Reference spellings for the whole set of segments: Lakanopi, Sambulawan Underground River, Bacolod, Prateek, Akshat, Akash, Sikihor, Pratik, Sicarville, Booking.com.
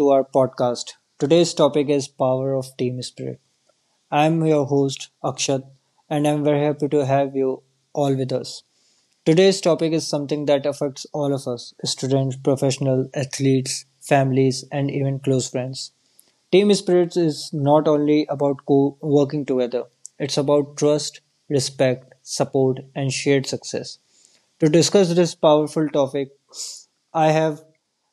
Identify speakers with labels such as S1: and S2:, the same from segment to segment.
S1: to our podcast. Today's topic is power of team spirit. I'm your host Akshat, and I'm very happy to have you all with us. Today's topic is something that affects all of us students, professionals, athletes, families, and even close friends. Team spirit is not only about co working together, it's about trust, respect, support, and shared success. To discuss this powerful topic, I have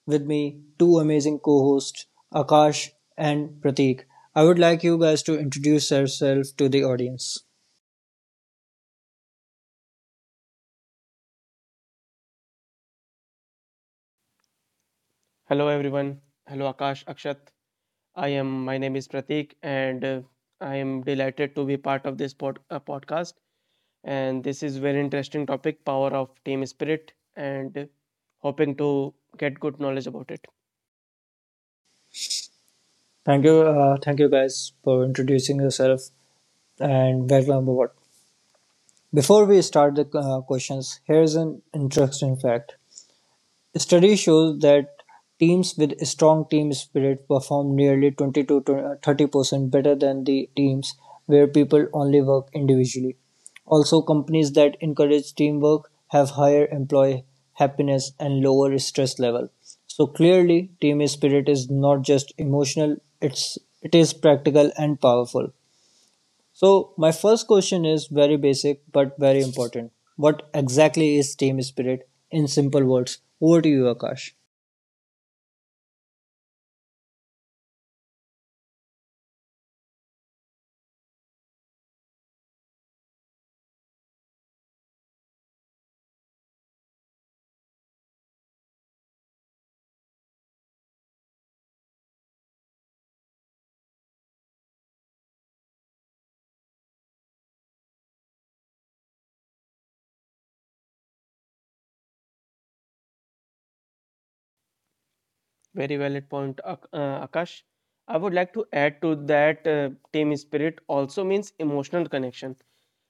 S1: with me two amazing co hosts, Akash and Prateek. I would like you guys to introduce yourself to the audience.
S2: Hello everyone. Hello Akash, Akshat. I am. My name is Pratik, and I am delighted to be part of this podcast. And this is very interesting topic, power of team spirit, and hoping to get good knowledge about it.
S1: Thank you guys for introducing yourself and welcome aboard. Before we start the questions, here's an interesting fact. Studies show that teams with strong team spirit perform nearly 20 to 30% better than the teams where people only work individually. Also, companies that encourage teamwork have higher employee happiness and lower stress level. So clearly, team spirit is not just emotional; it is practical and powerful. So my first question is very basic but very important. What exactly is team spirit in simple words? Over to you, Akash.
S2: Very valid point, Akash. I would like to add to that team spirit also means emotional connection.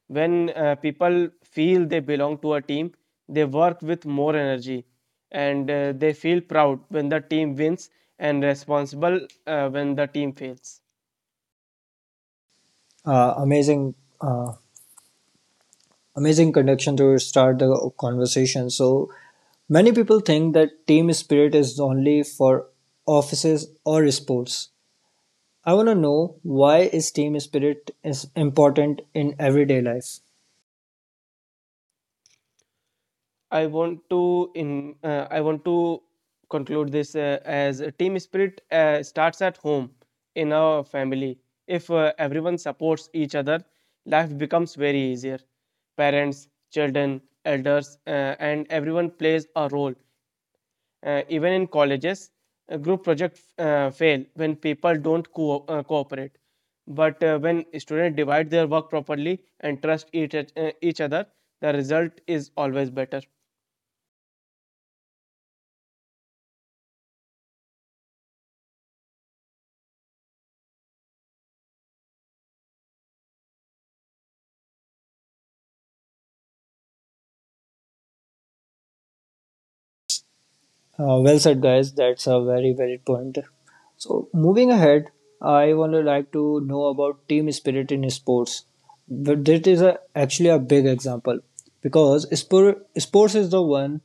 S2: When people feel they belong to a team, they work with more energy and they feel proud when the team wins and responsible when the team fails.
S1: uh, amazing uh, amazing connection to start the conversation. So many people think that team spirit is only for offices or sports. I want to know, why is team spirit is important in everyday life?
S2: I want to conclude this as a team spirit starts at home in our family. If everyone supports each other, life becomes very easier. Parents, children, elders, and everyone plays a role. Even in colleges, group projects fail when people don't cooperate. But when students divide their work properly and trust each other, the result is always better.
S1: Well said, guys. That's a very valid point. So, moving ahead, I want to like to know about team spirit in sports. But that is actually a big example, because sports is the one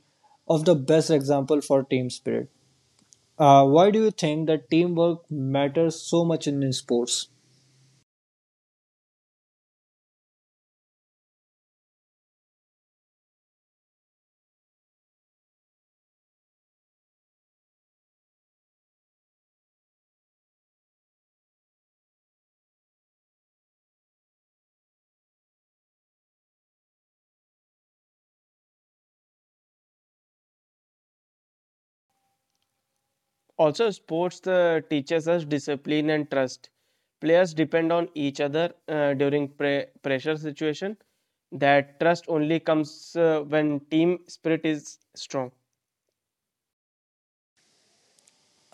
S1: of the best example for team spirit. Why do you think that teamwork matters so much in sports?
S2: Also, sports teaches us discipline and trust. Players depend on each other during pressure situation. That trust only comes when team spirit is strong.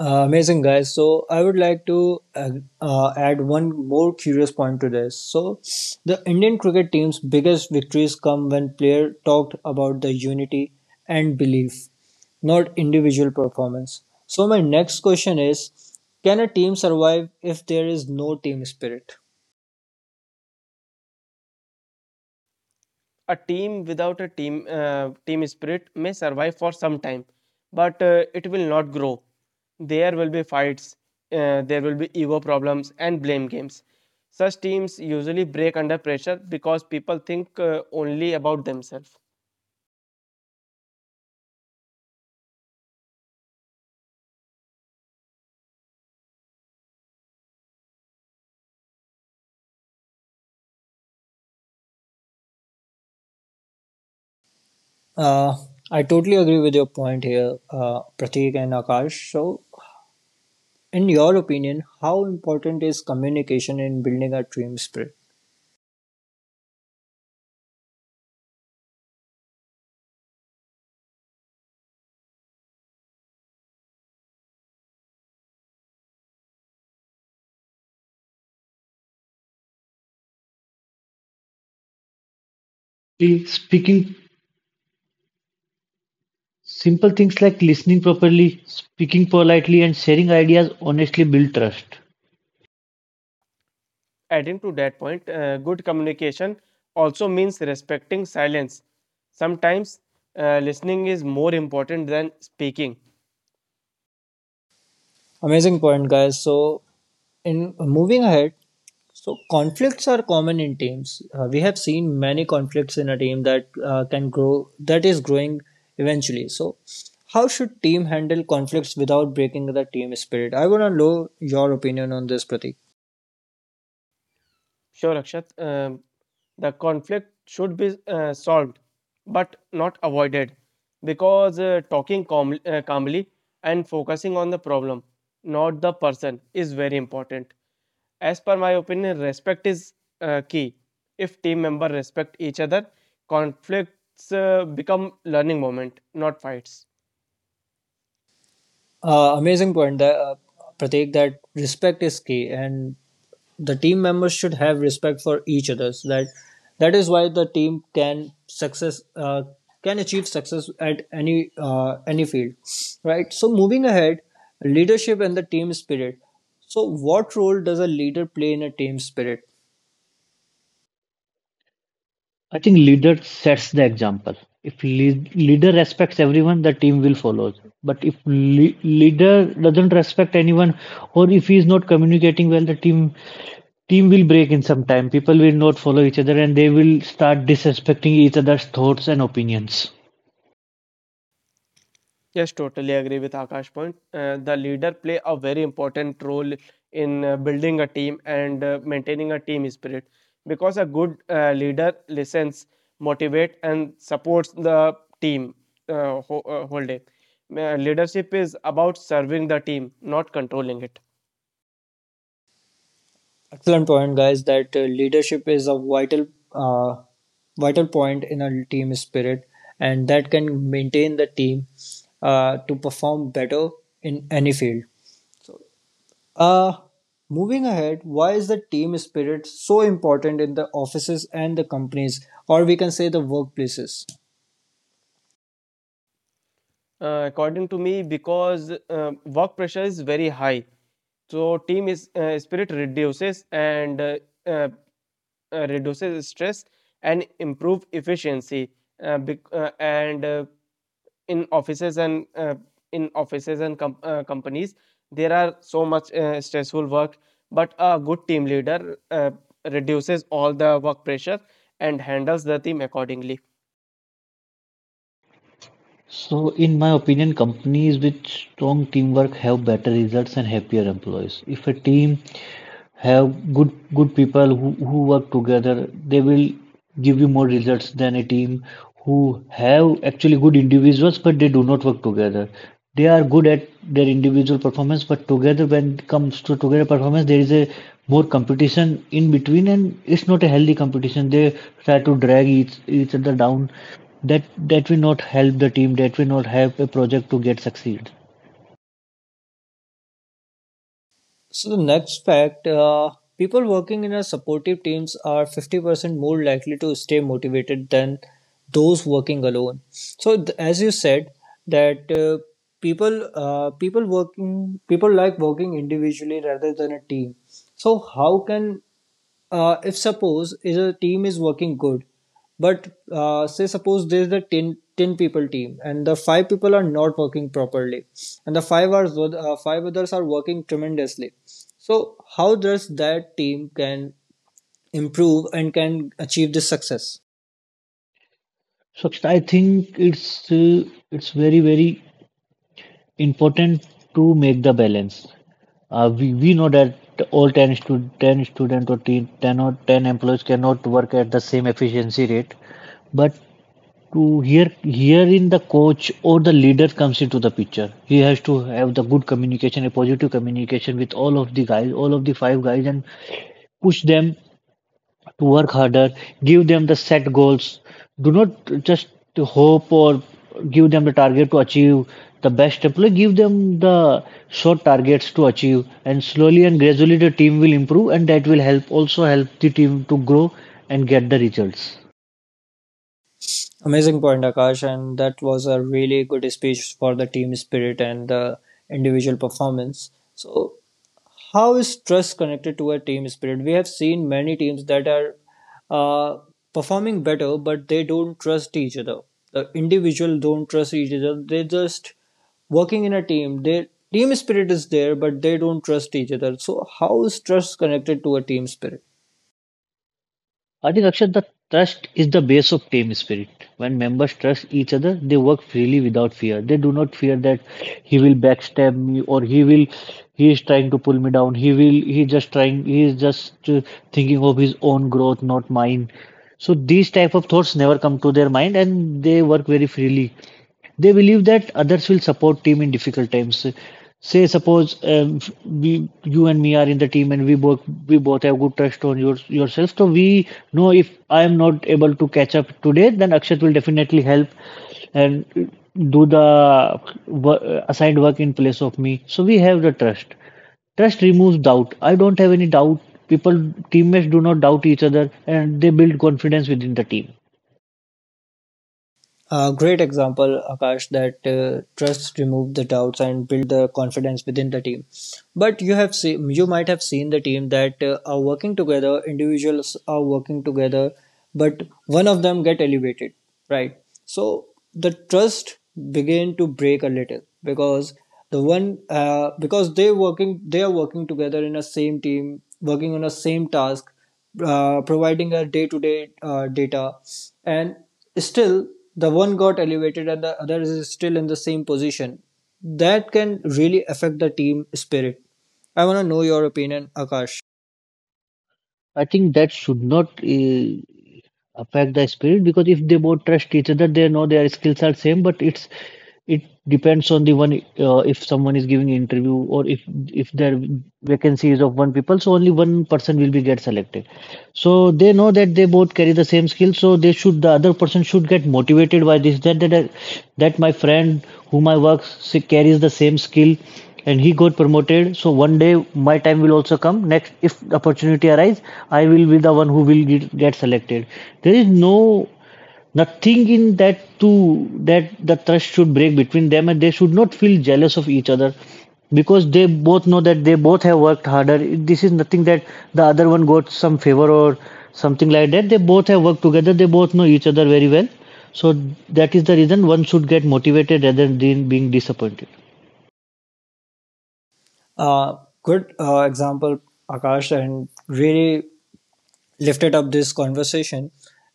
S1: Amazing, guys. So I would like to add one more curious point to this. So the Indian cricket team's biggest victories come when player talked about the unity and belief, not individual performance. So my next question is, can a team survive if there is no team spirit?
S2: A team without a team spirit may survive for some time, but it will not grow. There will be fights, there will be ego problems and blame games. Such teams usually break under pressure because people think only about themselves.
S1: Uh, I totally agree with your point here, Pratik and Akash. So in your opinion, how important is communication in building a team spirit?
S3: See, speaking simple things like listening properly, speaking politely, and sharing ideas honestly build trust.
S2: Adding to that point, good communication also means respecting silence. Sometimes listening is more important than speaking.
S1: Amazing point, guys. So, in moving ahead, so conflicts are common in teams. We have seen many conflicts in a team that can grow, that is growing eventually. So, how should team handle conflicts without breaking the team spirit? I want to know your opinion on this, Pratik.
S2: Sure, Akshat. The conflict should be solved, but not avoided, because talking calmly and focusing on the problem, not the person, is very important. As per my opinion, respect is key. If team members respect each other, conflicts become learning moment, not fights.
S1: Amazing point, that, Pratik, that respect is key, and the team members should have respect for each other's, that is why the team can success, can achieve success at any field, right? So moving ahead, leadership and the team spirit. So what role does a leader play in a team spirit?
S3: I think leader sets the example. If leader respects everyone, the team will follow. But if leader doesn't respect anyone, or if he is not communicating well, the team will break in some time. People will not follow each other, and they will start disrespecting each other's thoughts and opinions.
S2: Yes, totally agree with Akash point. The leader play a very important role in building a team and maintaining a team spirit because a good leader listens, motivate and supports the team whole day. Leadership is about serving the team, not controlling it.
S1: Excellent point, guys, that leadership is a uh, vital point in a team spirit, and that can maintain the team to perform better in any field. Uh, Moving ahead, why is the team spirit so important in the offices and the companies, or we can say the workplaces?
S2: According to me, because work pressure is very high, so team is spirit reduces and uh, reduces stress and improve efficiency. Bec- and in offices and companies there are so much stressful work but a good team leader reduces all the work pressure and handles the team accordingly.
S3: So, in my opinion, companies with strong teamwork have better results and happier employees. If a team have good people who work together, they will give you more results than a team who have actually good individuals but they do not work together. They are good at their individual performance, but together, when it comes to together performance, there is a more competition in between, and it's not a healthy competition. They try to drag each other down. That will not help the team, that will not help a project to get succeed.
S1: So, the next fact: people working in a supportive teams are 50% more likely to stay motivated than those working alone. So, as you said, that people like working individually rather than a team. So how can, if suppose is a team is working good, but say suppose there's the ten people team, and the five people are not working properly, and the five others are working tremendously, so how does that team can improve and can achieve this success?
S3: So I think it's very important to make the balance. We know that all 10, stu- 10 student or 10, 10 or 10 employees cannot work at the same efficiency rate, but to here in the coach or the leader comes into the picture. He has to have the good communication, a positive communication with all of the guys, all of the five guys, and push them to work harder, give them the set goals. Do not just to hope or give them the target to achieve the best. Like, give them the short targets to achieve, and slowly and gradually the team will improve, and that will help, also help the team to grow and get the results.
S1: Amazing point, Akash, and that was a really good speech for the team spirit and the individual performance. So how is trust connected to a team spirit? We have seen many teams that are uh, performing better, but they don't trust each other. The individual don't trust each other. They just working in a team. Their team spirit is there, but they don't trust each other. So how is trust connected to a team spirit?
S3: Adi Rakshat, the trust is the base of team spirit. When members trust each other, they work freely without fear. They do not fear that he will backstab me, or he is trying to pull me down. He is just thinking of his own growth, not mine. So these type of thoughts never come to their mind and they work very freely. They believe that others will support team in difficult times. Say suppose you and me are in the team, and we both have good trust on yourself. So we know, if I am not able to catch up today, then Akshat will definitely help and do the assigned work in place of me. So we have the trust. Trust removes doubt. I don't have any doubt. People, teammates do not doubt each other and they build confidence within the team.
S1: A great example, Akash, that trust remove the doubts and build the confidence within the team. But you have seen, you might have seen the team that are working together. Individuals are working together, but one of them get elevated, right? So the trust begin to break a little because the one because they are working together in a same team, working on a same task, providing a day-to-day data, and still the one got elevated and the other is still in the same position. That can really affect the team spirit. I want to know your opinion, Akash.
S3: I think that should not affect the spirit, because if they both trust each other, they know their skills are same, but it depends on the one. If someone is giving interview, or if their vacancy is of one people, so only one person will be get selected. So they know that they both carry the same skill, so the other person should get motivated by this, that that my friend whom I work, she carries the same skill and he got promoted, so one day my time will also come next. If opportunity arise, I will be the one who will get selected. There is no nothing in that, to that the trust should break between them, and they should not feel jealous of each other, because they both know that they both have worked harder. This is nothing that the other one got some favor or something like that. They both have worked together, they both know each other very well, so that is the reason one should get motivated rather than being disappointed.
S1: Uh, good uh, example, Akash, and really lifted up this conversation.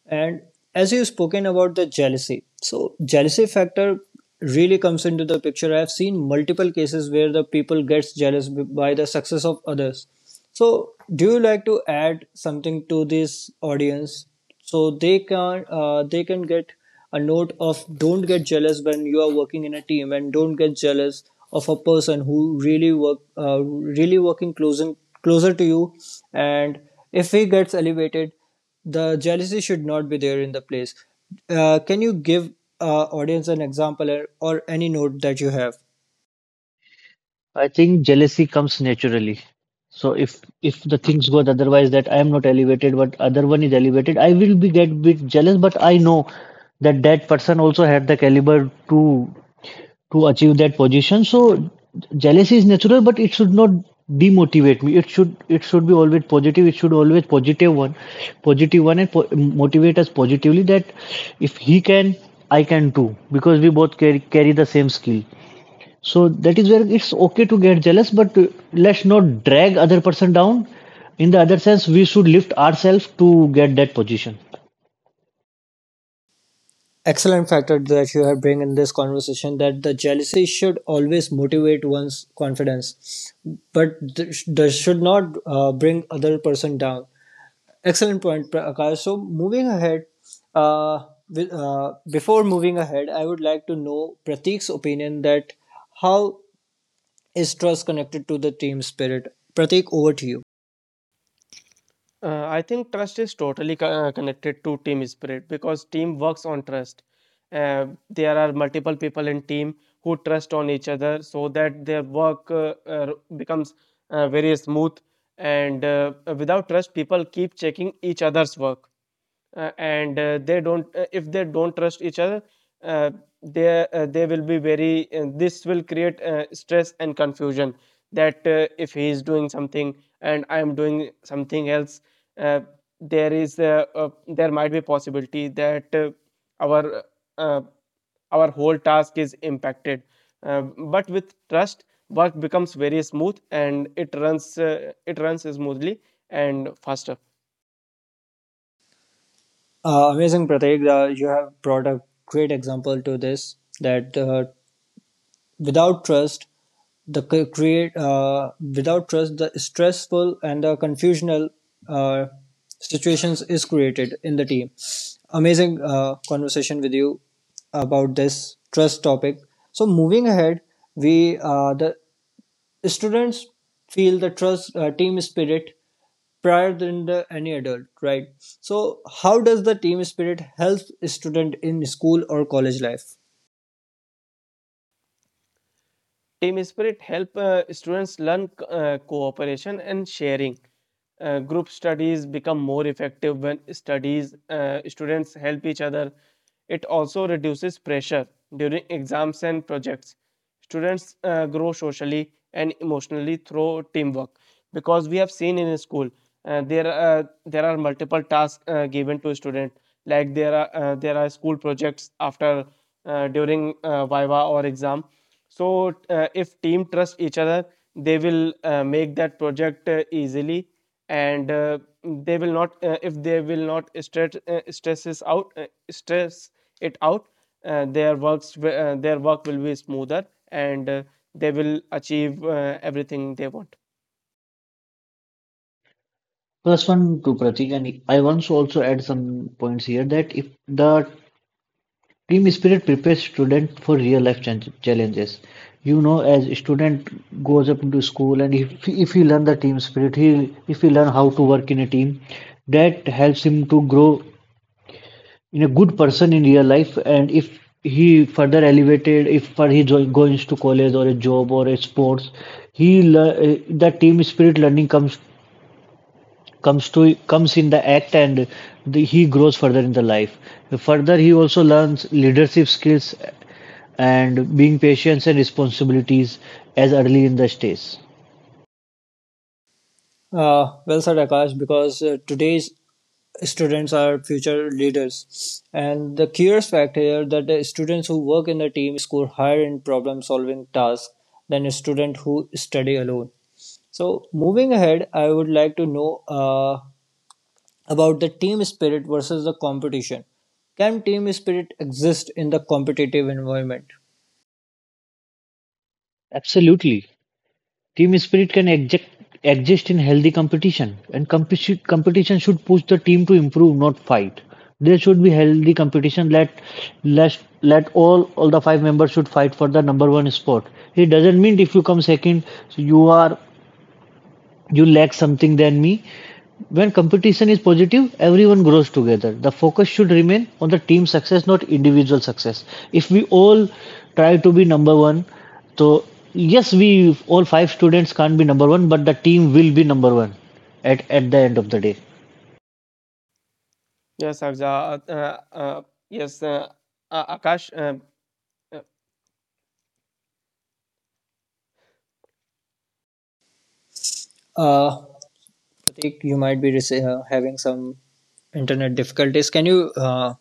S1: And as you've spoken about the jealousy, so jealousy factor really comes into the picture. I've seen multiple cases where the people gets jealous by the success of others. So do you like to add something to this audience so they can get a note of, don't get jealous when you are working in a team, and don't get jealous of a person who really working closer to you, and if he gets elevated, the jealousy should not be there in the place. Can you give audience an example, or any note that you have?
S3: I think jealousy comes naturally. So if the things go otherwise, that I am not elevated but other one is elevated, I will be get bit jealous. But I know that that person also had the caliber to achieve that position. So jealousy is natural, but it should not demotivate me. It should be always positive. It should always positive one, and po- motivate us positively. That if he can, I can too, because we both carry the same skill. So that is where it's okay to get jealous, but let's not drag other person down. In the other sense, we should lift ourselves to get that position.
S1: Excellent factor that you have bring in this conversation, that the jealousy should always motivate one's confidence, but that should not bring other person down. Excellent point, Prakash. So moving ahead, before moving ahead, I would like to know Pratik's opinion, that how is trust connected to the team spirit. Pratik, over to you.
S2: I think trust is totally connected to team spirit because team works on trust. There are multiple people in team who trust on each other so that their work becomes very smooth. And without trust, people keep checking each other's work and they don't if they don't trust each other uh, they will be very this will create stress and confusion that if he is doing something and I am doing something else uh, there might be possibility that our uh, our whole task is impacted. Uh, but with trust work becomes very smooth and uh, it runs smoothly and faster.
S1: Amazing, Pratik. You have brought a great example to this, that without trust the c- create without trust the stressful and the confusional uh, situations is created in the team. Amazing conversation with you about this trust topic. So moving ahead, we the students feel the trust, team spirit prior than the any adult, right? So how does the team spirit help student in school or college life?
S2: Team spirit help students learn cooperation and sharing. Group studies become more effective when studies students help each other. It also reduces pressure during exams and projects. Students grow socially and emotionally through teamwork because we have seen in school there are multiple tasks given to student like there are school projects after during viva or exam so if team trust each other, they will make that project easily, and they will not if they will not stresses out stress it out. Their work will be smoother, and they will achieve everything they want.
S3: Plus, first one to Pratik, and I want to also add some points here, that if the team spirit prepares student for real life challenges, as a student goes up into school, and if he learn the team spirit, he if he learn how to work in a team, that helps him to grow in a good person in real life. And if he further elevated, if for he goes to college or a job or a sports, the team spirit learning comes in the act, and he grows further in the life. Further, he also learns leadership skills and being patience and responsibilities as early in the stage.
S1: Well said, Akash, because today's students are future leaders. And the curious fact here, that the students who work in the team score higher in problem solving tasks than a student who study alone. So moving ahead, I would like to know about the team spirit versus the competition. Can team spirit exist in the competitive environment?
S3: Absolutely. Team spirit can exist in healthy competition, and competition should push the team to improve, not fight. There should be healthy competition. Let all the five members should fight for the number one spot. It doesn't mean if you come second, you are you lack something than me. When competition is positive, everyone grows together. The focus should remain on the team success, not individual success. If we all try to be number one, so yes, we all five students can't be number one, but the team will be number one at the end of the day.
S2: Yes, Aksa, yes, Akash.
S1: uh Pratik, you might be having some internet difficulties. Can you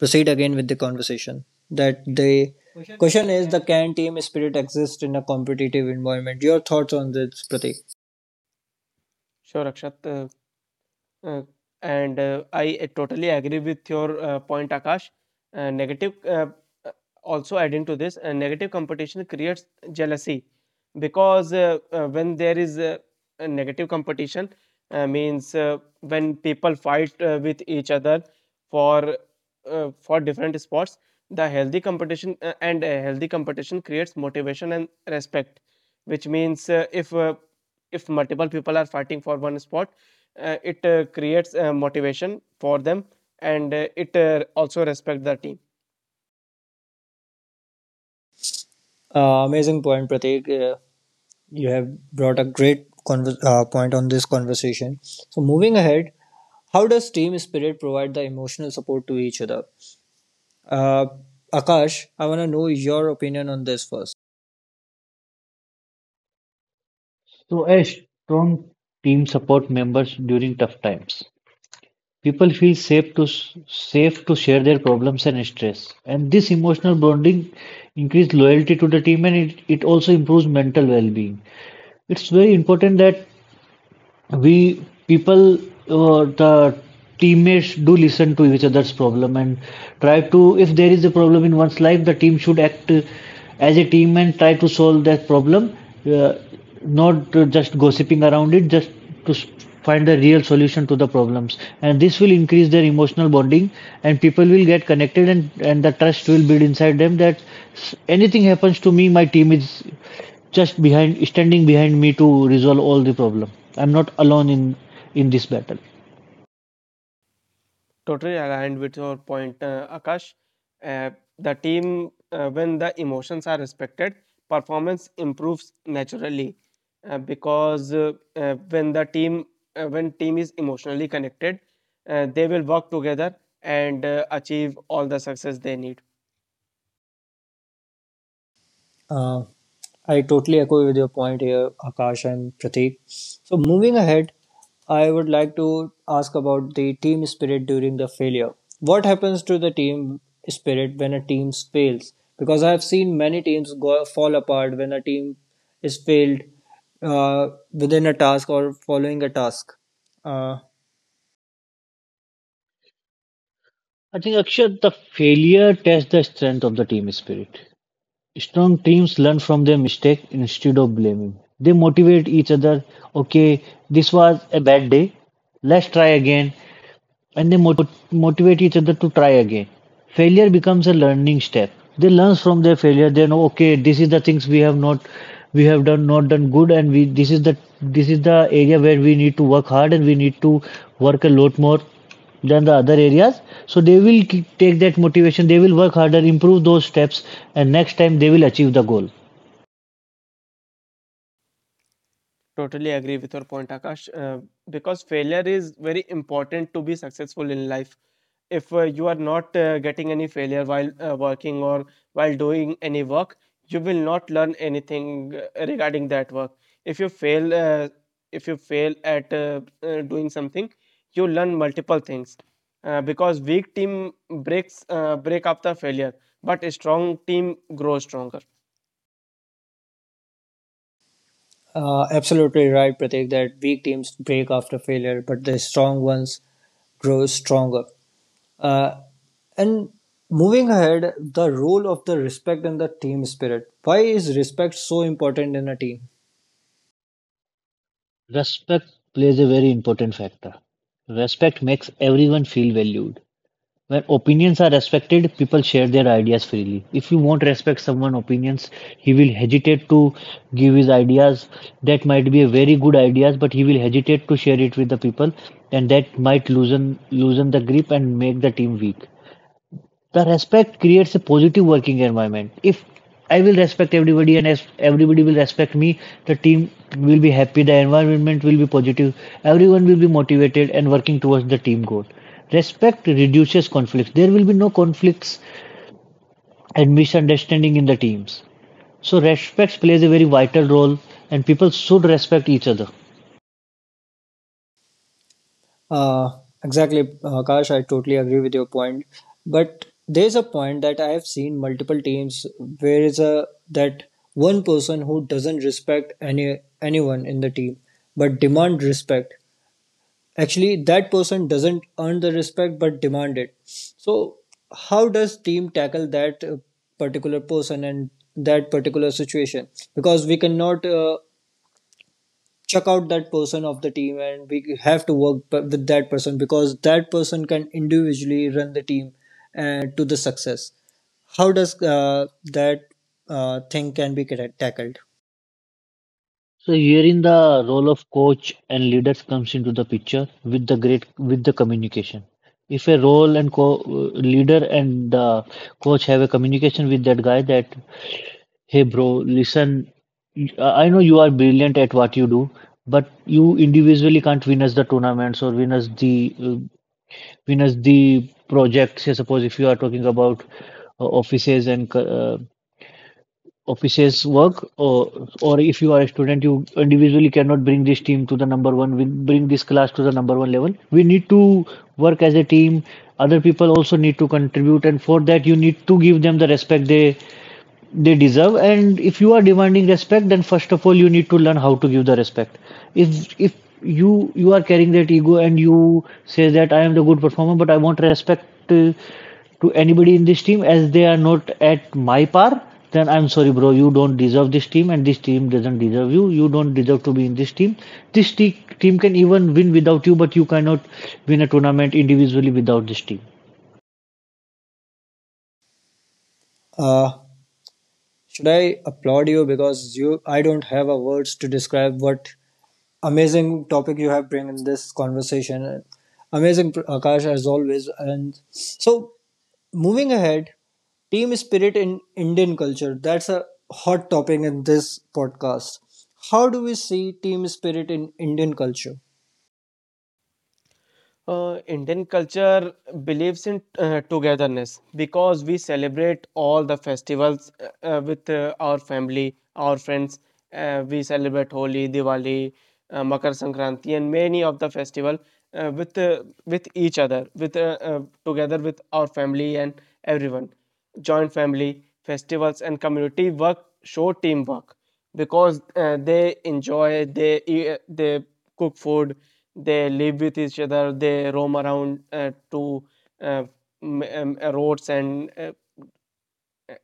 S1: proceed again with the conversation, that the
S2: uh,
S1: question is, the can team spirit exist in a competitive environment? Your thoughts on this, Prateek?
S2: sure, Akshat. Uh, and I totally agree with your point, Akash. Uh, negative, uh, uh, Also adding to this, negative competition creates jealousy because when there is a negative competition, means when people fight with each other for for different sports, the healthy competition and healthy competition creates motivation and respect, which means if multiple people are fighting for one spot it creates motivation for them and it also respect the team.
S1: Amazing point, Prateek. You have brought a great point on this conversation. So moving ahead, how does team spirit provide the emotional support to each other? uh, Akash, I want to know your opinion on this first.
S3: So, a strong team support members during tough times. People feel safe to share their problems and stress, and this emotional bonding increases loyalty to the team, and it also improves mental well-being. It's very important that we people the teammates do listen to each other's problem, and try to, if there is a problem in one's life, the team should act as a team and try to solve that problem, uh, not just gossiping around it, just to find a real solution to the problems. And this will increase their emotional bonding, and people will get connected, and the trust will build inside them, that anything happens to me, my team is just behind standing behind me to resolve all the problem. I'm not alone in this battle.
S2: Totally aligned with your point, akash. uh, the team when the emotions are respected, performance improves naturally because when the team when team is emotionally connected, they will work together and achieve all the success they need.
S1: uh, I totally agree with your point here, Akash and Prateek. So, moving ahead, I would like to ask about the team spirit during the failure. What happens to the team spirit when a team fails? Because I have seen many teams go, fall apart when a team is failed within a task or following a task. Uh,
S3: I think, Akshay, the failure tests the strength of the team spirit. Strong teams learn from their mistake. Instead of blaming, they motivate each other. Okay, this was a bad day, let's try again, and they motivate each other to try again. Failure becomes a learning step. They learn from their failure. They know, okay, this is the things we have done not done good, and we this is the area where we need to work hard, and we need to work a lot more than the other areas. So they will take that motivation. They will work harder, improve those steps, and next time they will achieve the goal.
S2: Totally agree with your point, Akash. Because failure is very important to be successful in life. If you are not getting any failure while working or while doing any work, you will not learn anything regarding that work. If you fail, uh, if you fail at doing something, you learn multiple things. Because weak team break after failure, but a strong team grows stronger.
S1: Absolutely right, Prateek, that weak teams break after failure, but the strong ones grow stronger. Uh, And moving ahead, the role of the respect and the team spirit. Why is respect so important in a team?
S3: Respect plays a very important factor. Respect makes everyone feel valued. When opinions are respected, people share their ideas freely. If you won't respect someone's opinions, he will hesitate to give his ideas. That might be a very good ideas, but he will hesitate to share it with the people, and that might loosen the grip and make the team weak. The respect creates a positive working environment. If I will respect everybody, and as everybody will respect me, the team will be happy, the environment will be positive, everyone will be motivated and working towards the team goal. Respect reduces conflicts. There will be no conflicts and misunderstanding in the teams. So respect plays a very vital role, and people should respect each other.
S1: Uh, exactly, Akash, I totally agree with your point. But there's a point that I have seen multiple teams where is a that one person who doesn't respect anyone in the team but demand respect. Actually, that person doesn't earn the respect but demand it. So how does team tackle that particular person and that particular situation? Because we cannot chuck out that person of the team, and we have to work with that person, because that person can individually run the team to the success. How does that thing can be tackled?
S3: So herein, the role of coach and leaders comes into the picture with the communication. If a role and co leader and the coach have a communication with that guy, that, hey bro, listen, I know you are brilliant at what you do, but you individually can't win us the tournaments, or win us the projects. Say suppose if you are talking about offices and offices work or if you are a student, you individually cannot bring this team to the number one. We bring this class to the number one level. We need to work as a team. Other people also need to contribute, and for that you need to give them the respect they deserve. And if you are demanding respect, then first of all you need to learn how to give the respect. If you are carrying that ego and you say that I am the good performer, but I want respect to anybody in this team as they are not at my par, then I'm sorry bro, you don't deserve this team and this team doesn't deserve you. You don't deserve to be in this team. This team can even win without you, but you cannot win a tournament individually without this team.
S1: uh, should I applaud you? Because you I don't have a words to describe what amazing topic you have bring in this conversation. Amazing, Akash, as always. And so moving ahead, team spirit in Indian culture. That's a hot topic in this podcast. How do we see team spirit in Indian culture?
S2: Indian culture believes in togetherness because we celebrate all the festivals with our family, our friends. We celebrate Holi, Diwali, Makar Sankranti, and many of the festival with each other, with together with our family and everyone. Joint family festivals and community work show teamwork because they enjoy, they eat, they cook food, they live with each other, they roam around to uh, roads and uh,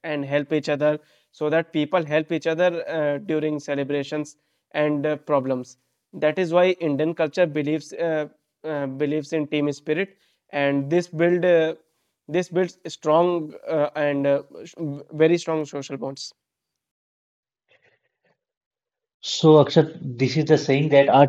S2: and help each other, so that people help each other during celebrations and problems. That is why Indian culture believes in team spirit, and this builds strong and very strong social bonds.
S3: So, Akshat, this is the saying that our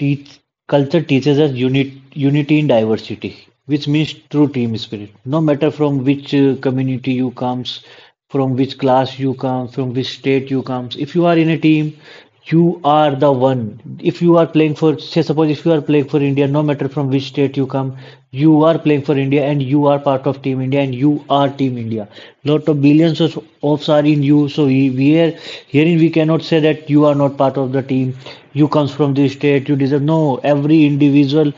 S3: teach, culture teaches us unit, unity in diversity, which means true team spirit. No matter from which community you comes, from which class you come, from which state you comes, if you are in a team, you are the one. If you are playing for, say, suppose if you are playing for India, no matter from which state you come, you are playing for India and you are part of Team India and you are Team India. Lot of billions of are in you. So we are herein we cannot say that you are not part of the team. You comes from this state. You deserve no. Every individual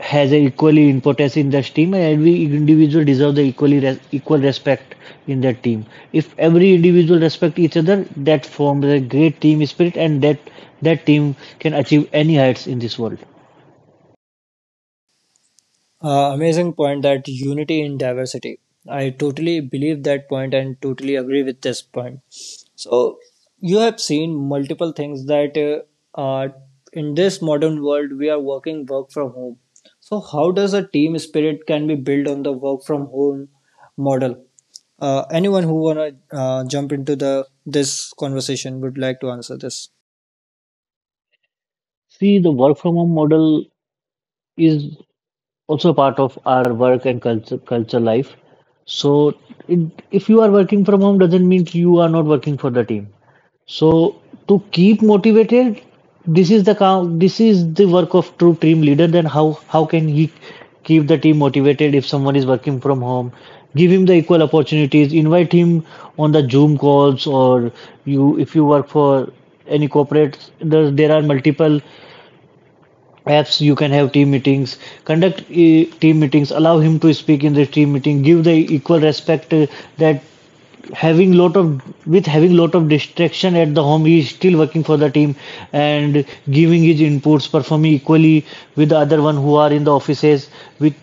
S3: has a equally importance in that team, and every individual deserves the equally equal respect in that team. If every individual respect each other, that forms a great team spirit, and that team can achieve any heights in this world.
S1: Amazing point, that unity in diversity. I totally believe that point and totally agree with this point. So you have seen multiple things, that in this modern world we are working, work from home. So how does a team spirit can be built on the work from home model? Anyone who wanna jump into the this conversation would like to answer this.
S3: See, the work from home model is also part of our work and culture life. So it, if you are working from home doesn't mean you are not working for the team. So to keep motivated, this is the count, this is the work of true team leader. Then how can he keep the team motivated if someone is working from home? Give him the equal opportunities. Invite him on the Zoom calls or you if you work for any corporate there, there are multiple apps you can have team meetings conduct team meetings, allow him to speak in the team meeting, give the equal respect, that having lot of with having lot of distraction at the home, he is still working for the team and giving his inputs, performing equally with the other one who are in the offices with,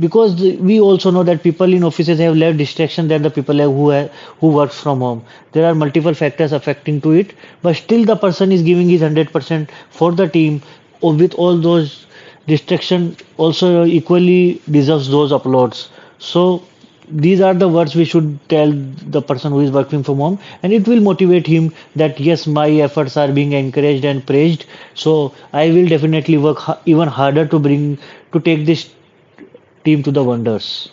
S3: because we also know that people in offices have less distraction than the people who who works from home. There are multiple factors affecting to it, but still the person is giving his 100% for the team. With all those distraction also equally deserves those uploads. So these are the words we should tell the person who is working from home, and it will motivate him that yes, my efforts are being encouraged and praised, so I will definitely work even harder to bring to take this team to the wonders.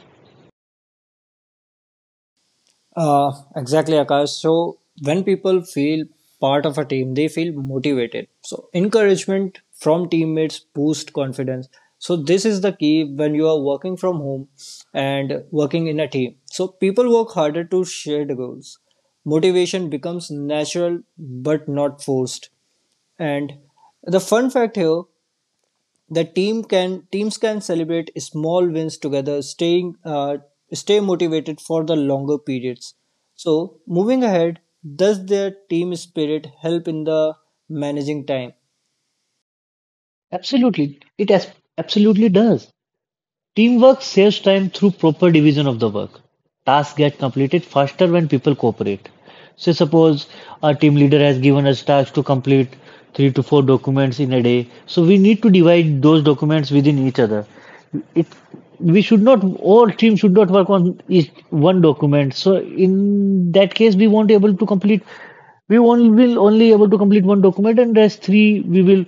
S1: Exactly, Akash. So when people feel part of a team, they feel motivated. So encouragement from teammates boost confidence. So this is the key when you are working from home and working in a team. So people work harder to share the goals. Motivation becomes natural but not forced. And the fun fact here, the teams can celebrate small wins together, stay motivated for the longer periods. So moving ahead, does their team spirit help in the managing time?
S3: Absolutely it absolutely does. Teamwork saves time through proper division of the work. Tasks get completed faster when people cooperate. So, suppose our team leader has given us tasks to complete 3 to 4 documents in a day. So, we need to divide those documents within each other. It we should not all team should not work on each one document. So, in that case, we won't able to complete. We only will only able to complete one document, and rest three we will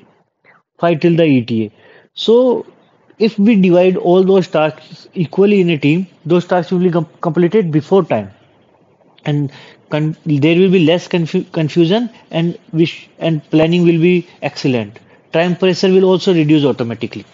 S3: fight till the ETA. So if we divide all those tasks equally in a team, those tasks will be completed before time, and con- there will be less confusion, and wish and planning will be excellent. Time pressure will also reduce automatically.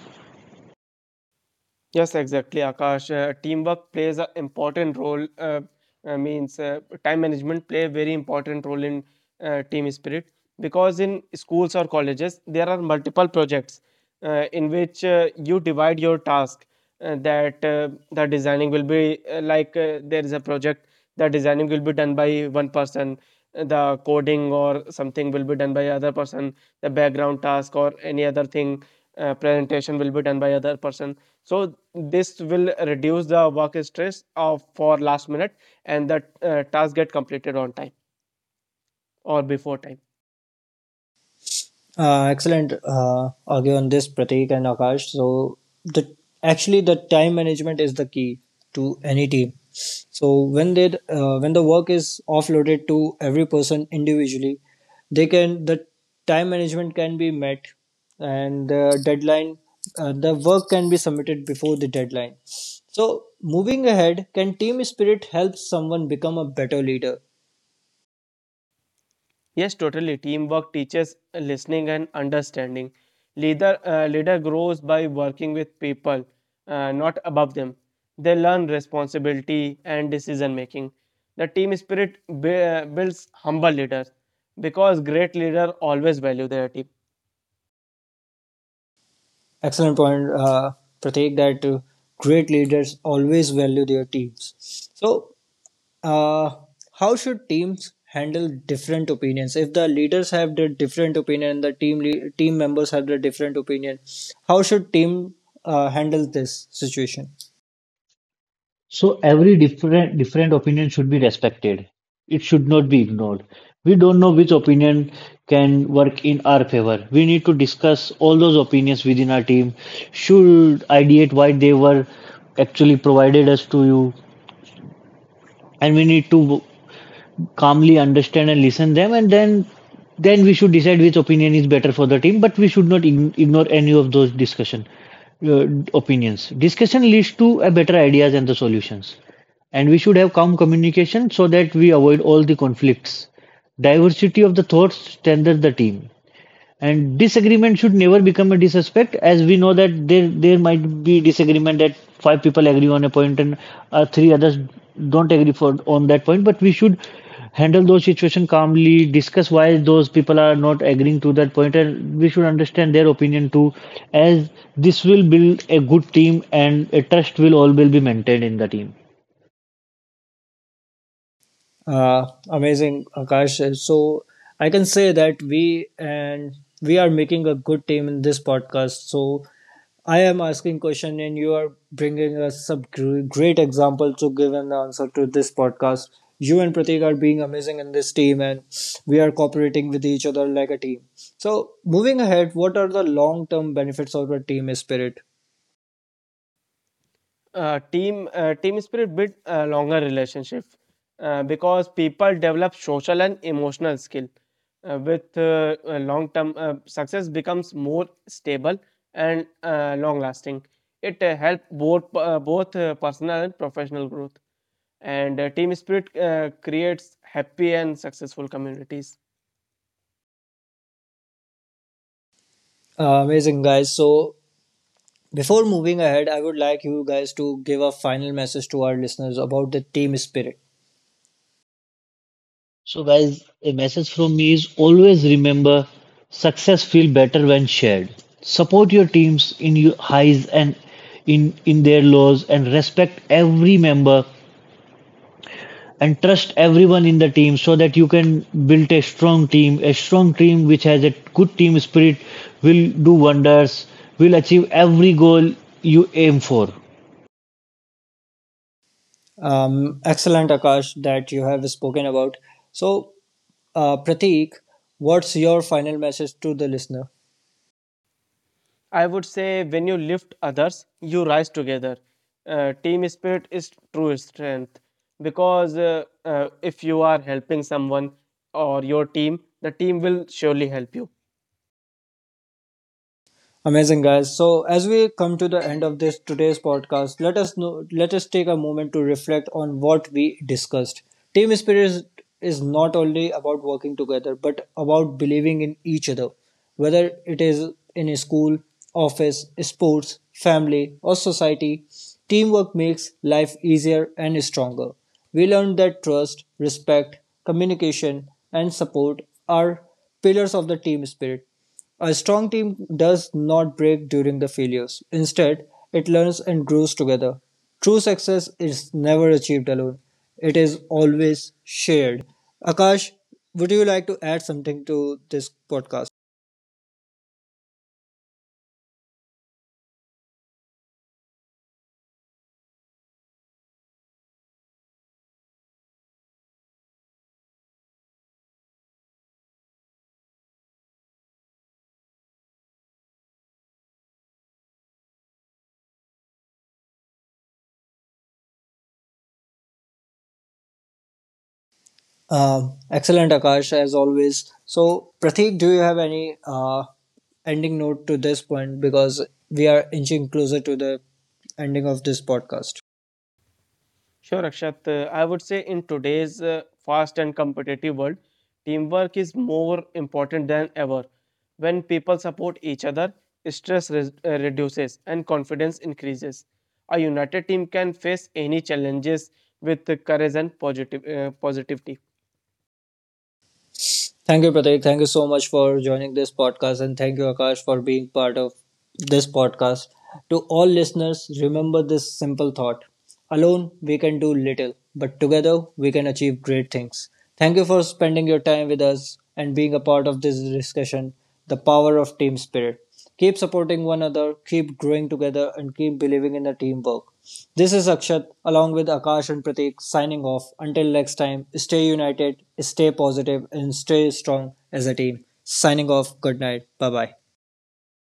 S2: Yes, exactly, Akash. Teamwork plays an important role. Means, time management play a very important role in team spirit because in schools or colleges there are multiple projects in which you divide your task. That the designing will be like there is a project that designing will be done by one person, the coding or something will be done by other person, the background task or any other thing presentation will be done by other person, so this will reduce the work stress of for last minute and the task get completed on time or before time.
S1: Excellent argue on this, Prateek and Akash. So the actually the time management is the key to any team. So when they when the work is offloaded to every person individually, they can the time management can be met, and the deadline the work can be submitted before the deadline. So moving ahead, can team spirit help someone become a better leader?
S2: Yes, totally. Teamwork teaches listening and understanding. Leader grows by working with people, not above them. They learn responsibility and decision making. The team spirit builds humble leaders because great leaders always value their team.
S1: Excellent point, Pratik, that great leaders always value their teams. So, uh, how should teams handle different opinions? If the leaders have their different opinion, the team members have their different opinion, how should team handle this situation?
S3: So every different different opinion should be respected. It should not be ignored. We don't know which opinion can work in our favor. We need to discuss all those opinions within our team. Should ideate why they were actually provided us to you, and we need to calmly understand and listen them and then we should decide which opinion is better for the team, but we should not ignore any of those discussion uh, opinions. Discussion leads to a better ideas and the solutions, and we should have calm communication so that we avoid all the conflicts. Diversity of the thoughts strengthens the team and disagreement should never become a disrespect. As we know that there might be disagreement that 5 people agree on a point and 3 others don't agree for on that point, but we should handle those situations calmly, discuss why those people are not agreeing to that point, and we should understand their opinion too, as this will build a good team and a trust will all will be maintained in the team.
S1: Amazing, Akash. So, I can say that we are making a good team in this podcast. So, I am asking question and you are bringing us some great example to give an answer to this podcast. You and Pratik are being amazing in this team and we are cooperating with each other like a team. So moving ahead, what are the long-term benefits of a team spirit?
S2: Team spirit build a longer relationship because people develop social and emotional skill with long term success becomes more stable and long lasting. It help both personal and professional growth, and team spirit creates happy and successful communities.
S1: Amazing guys. So before moving ahead, I would like you guys to give a final message to our listeners about the team spirit.
S3: So, guys, a message from me is always remember success feel better when shared. Support your teams in your highs and in their lows, and respect every member and trust everyone in the team so that you can build a strong team. A strong team which has a good team spirit will do wonders, will achieve every goal you aim for.
S1: Excellent Akash, that you have spoken about. So Prateek, what's your final message to the listener?
S2: I would say when you lift others, you rise together. Team spirit is true strength because if you are helping someone or your team, the team will surely help you.
S1: Amazing guys. So as we come to the end of this today's podcast, let us take a moment to reflect on what we discussed. Team spirit is not only about working together but about believing in each other. Whether it is in a school, office, sports, family or society, teamwork makes life easier and stronger. We learned that trust, respect, communication and support are pillars of the team spirit. A strong team does not break during the failures. Instead, it learns and grows together. True success is never achieved alone, it is always shared. Akash, would you like to add something to this podcast? Excellent, Akash, as always. So, Prateek, do you have any ending note to this point? Because we are inching closer to the ending of this podcast.
S2: Sure, Akshat. I would say in today's fast and competitive world, teamwork is more important than ever. When people support each other, stress reduces and confidence increases. A united team can face any challenges with courage and positivity.
S1: Thank you, Pratik. Thank you so much for joining this podcast. And thank you, Akash, for being part of this podcast. To all listeners, remember this simple thought: alone, we can do little, but together, we can achieve great things. Thank you for spending your time with us and being a part of this discussion, the power of team spirit. Keep supporting one another, keep growing together, and keep believing in the teamwork. This is Akshat along with Akash and Pratik signing off. Until next time, stay united, stay positive, and stay strong as a team. Signing off. Good night. Bye bye.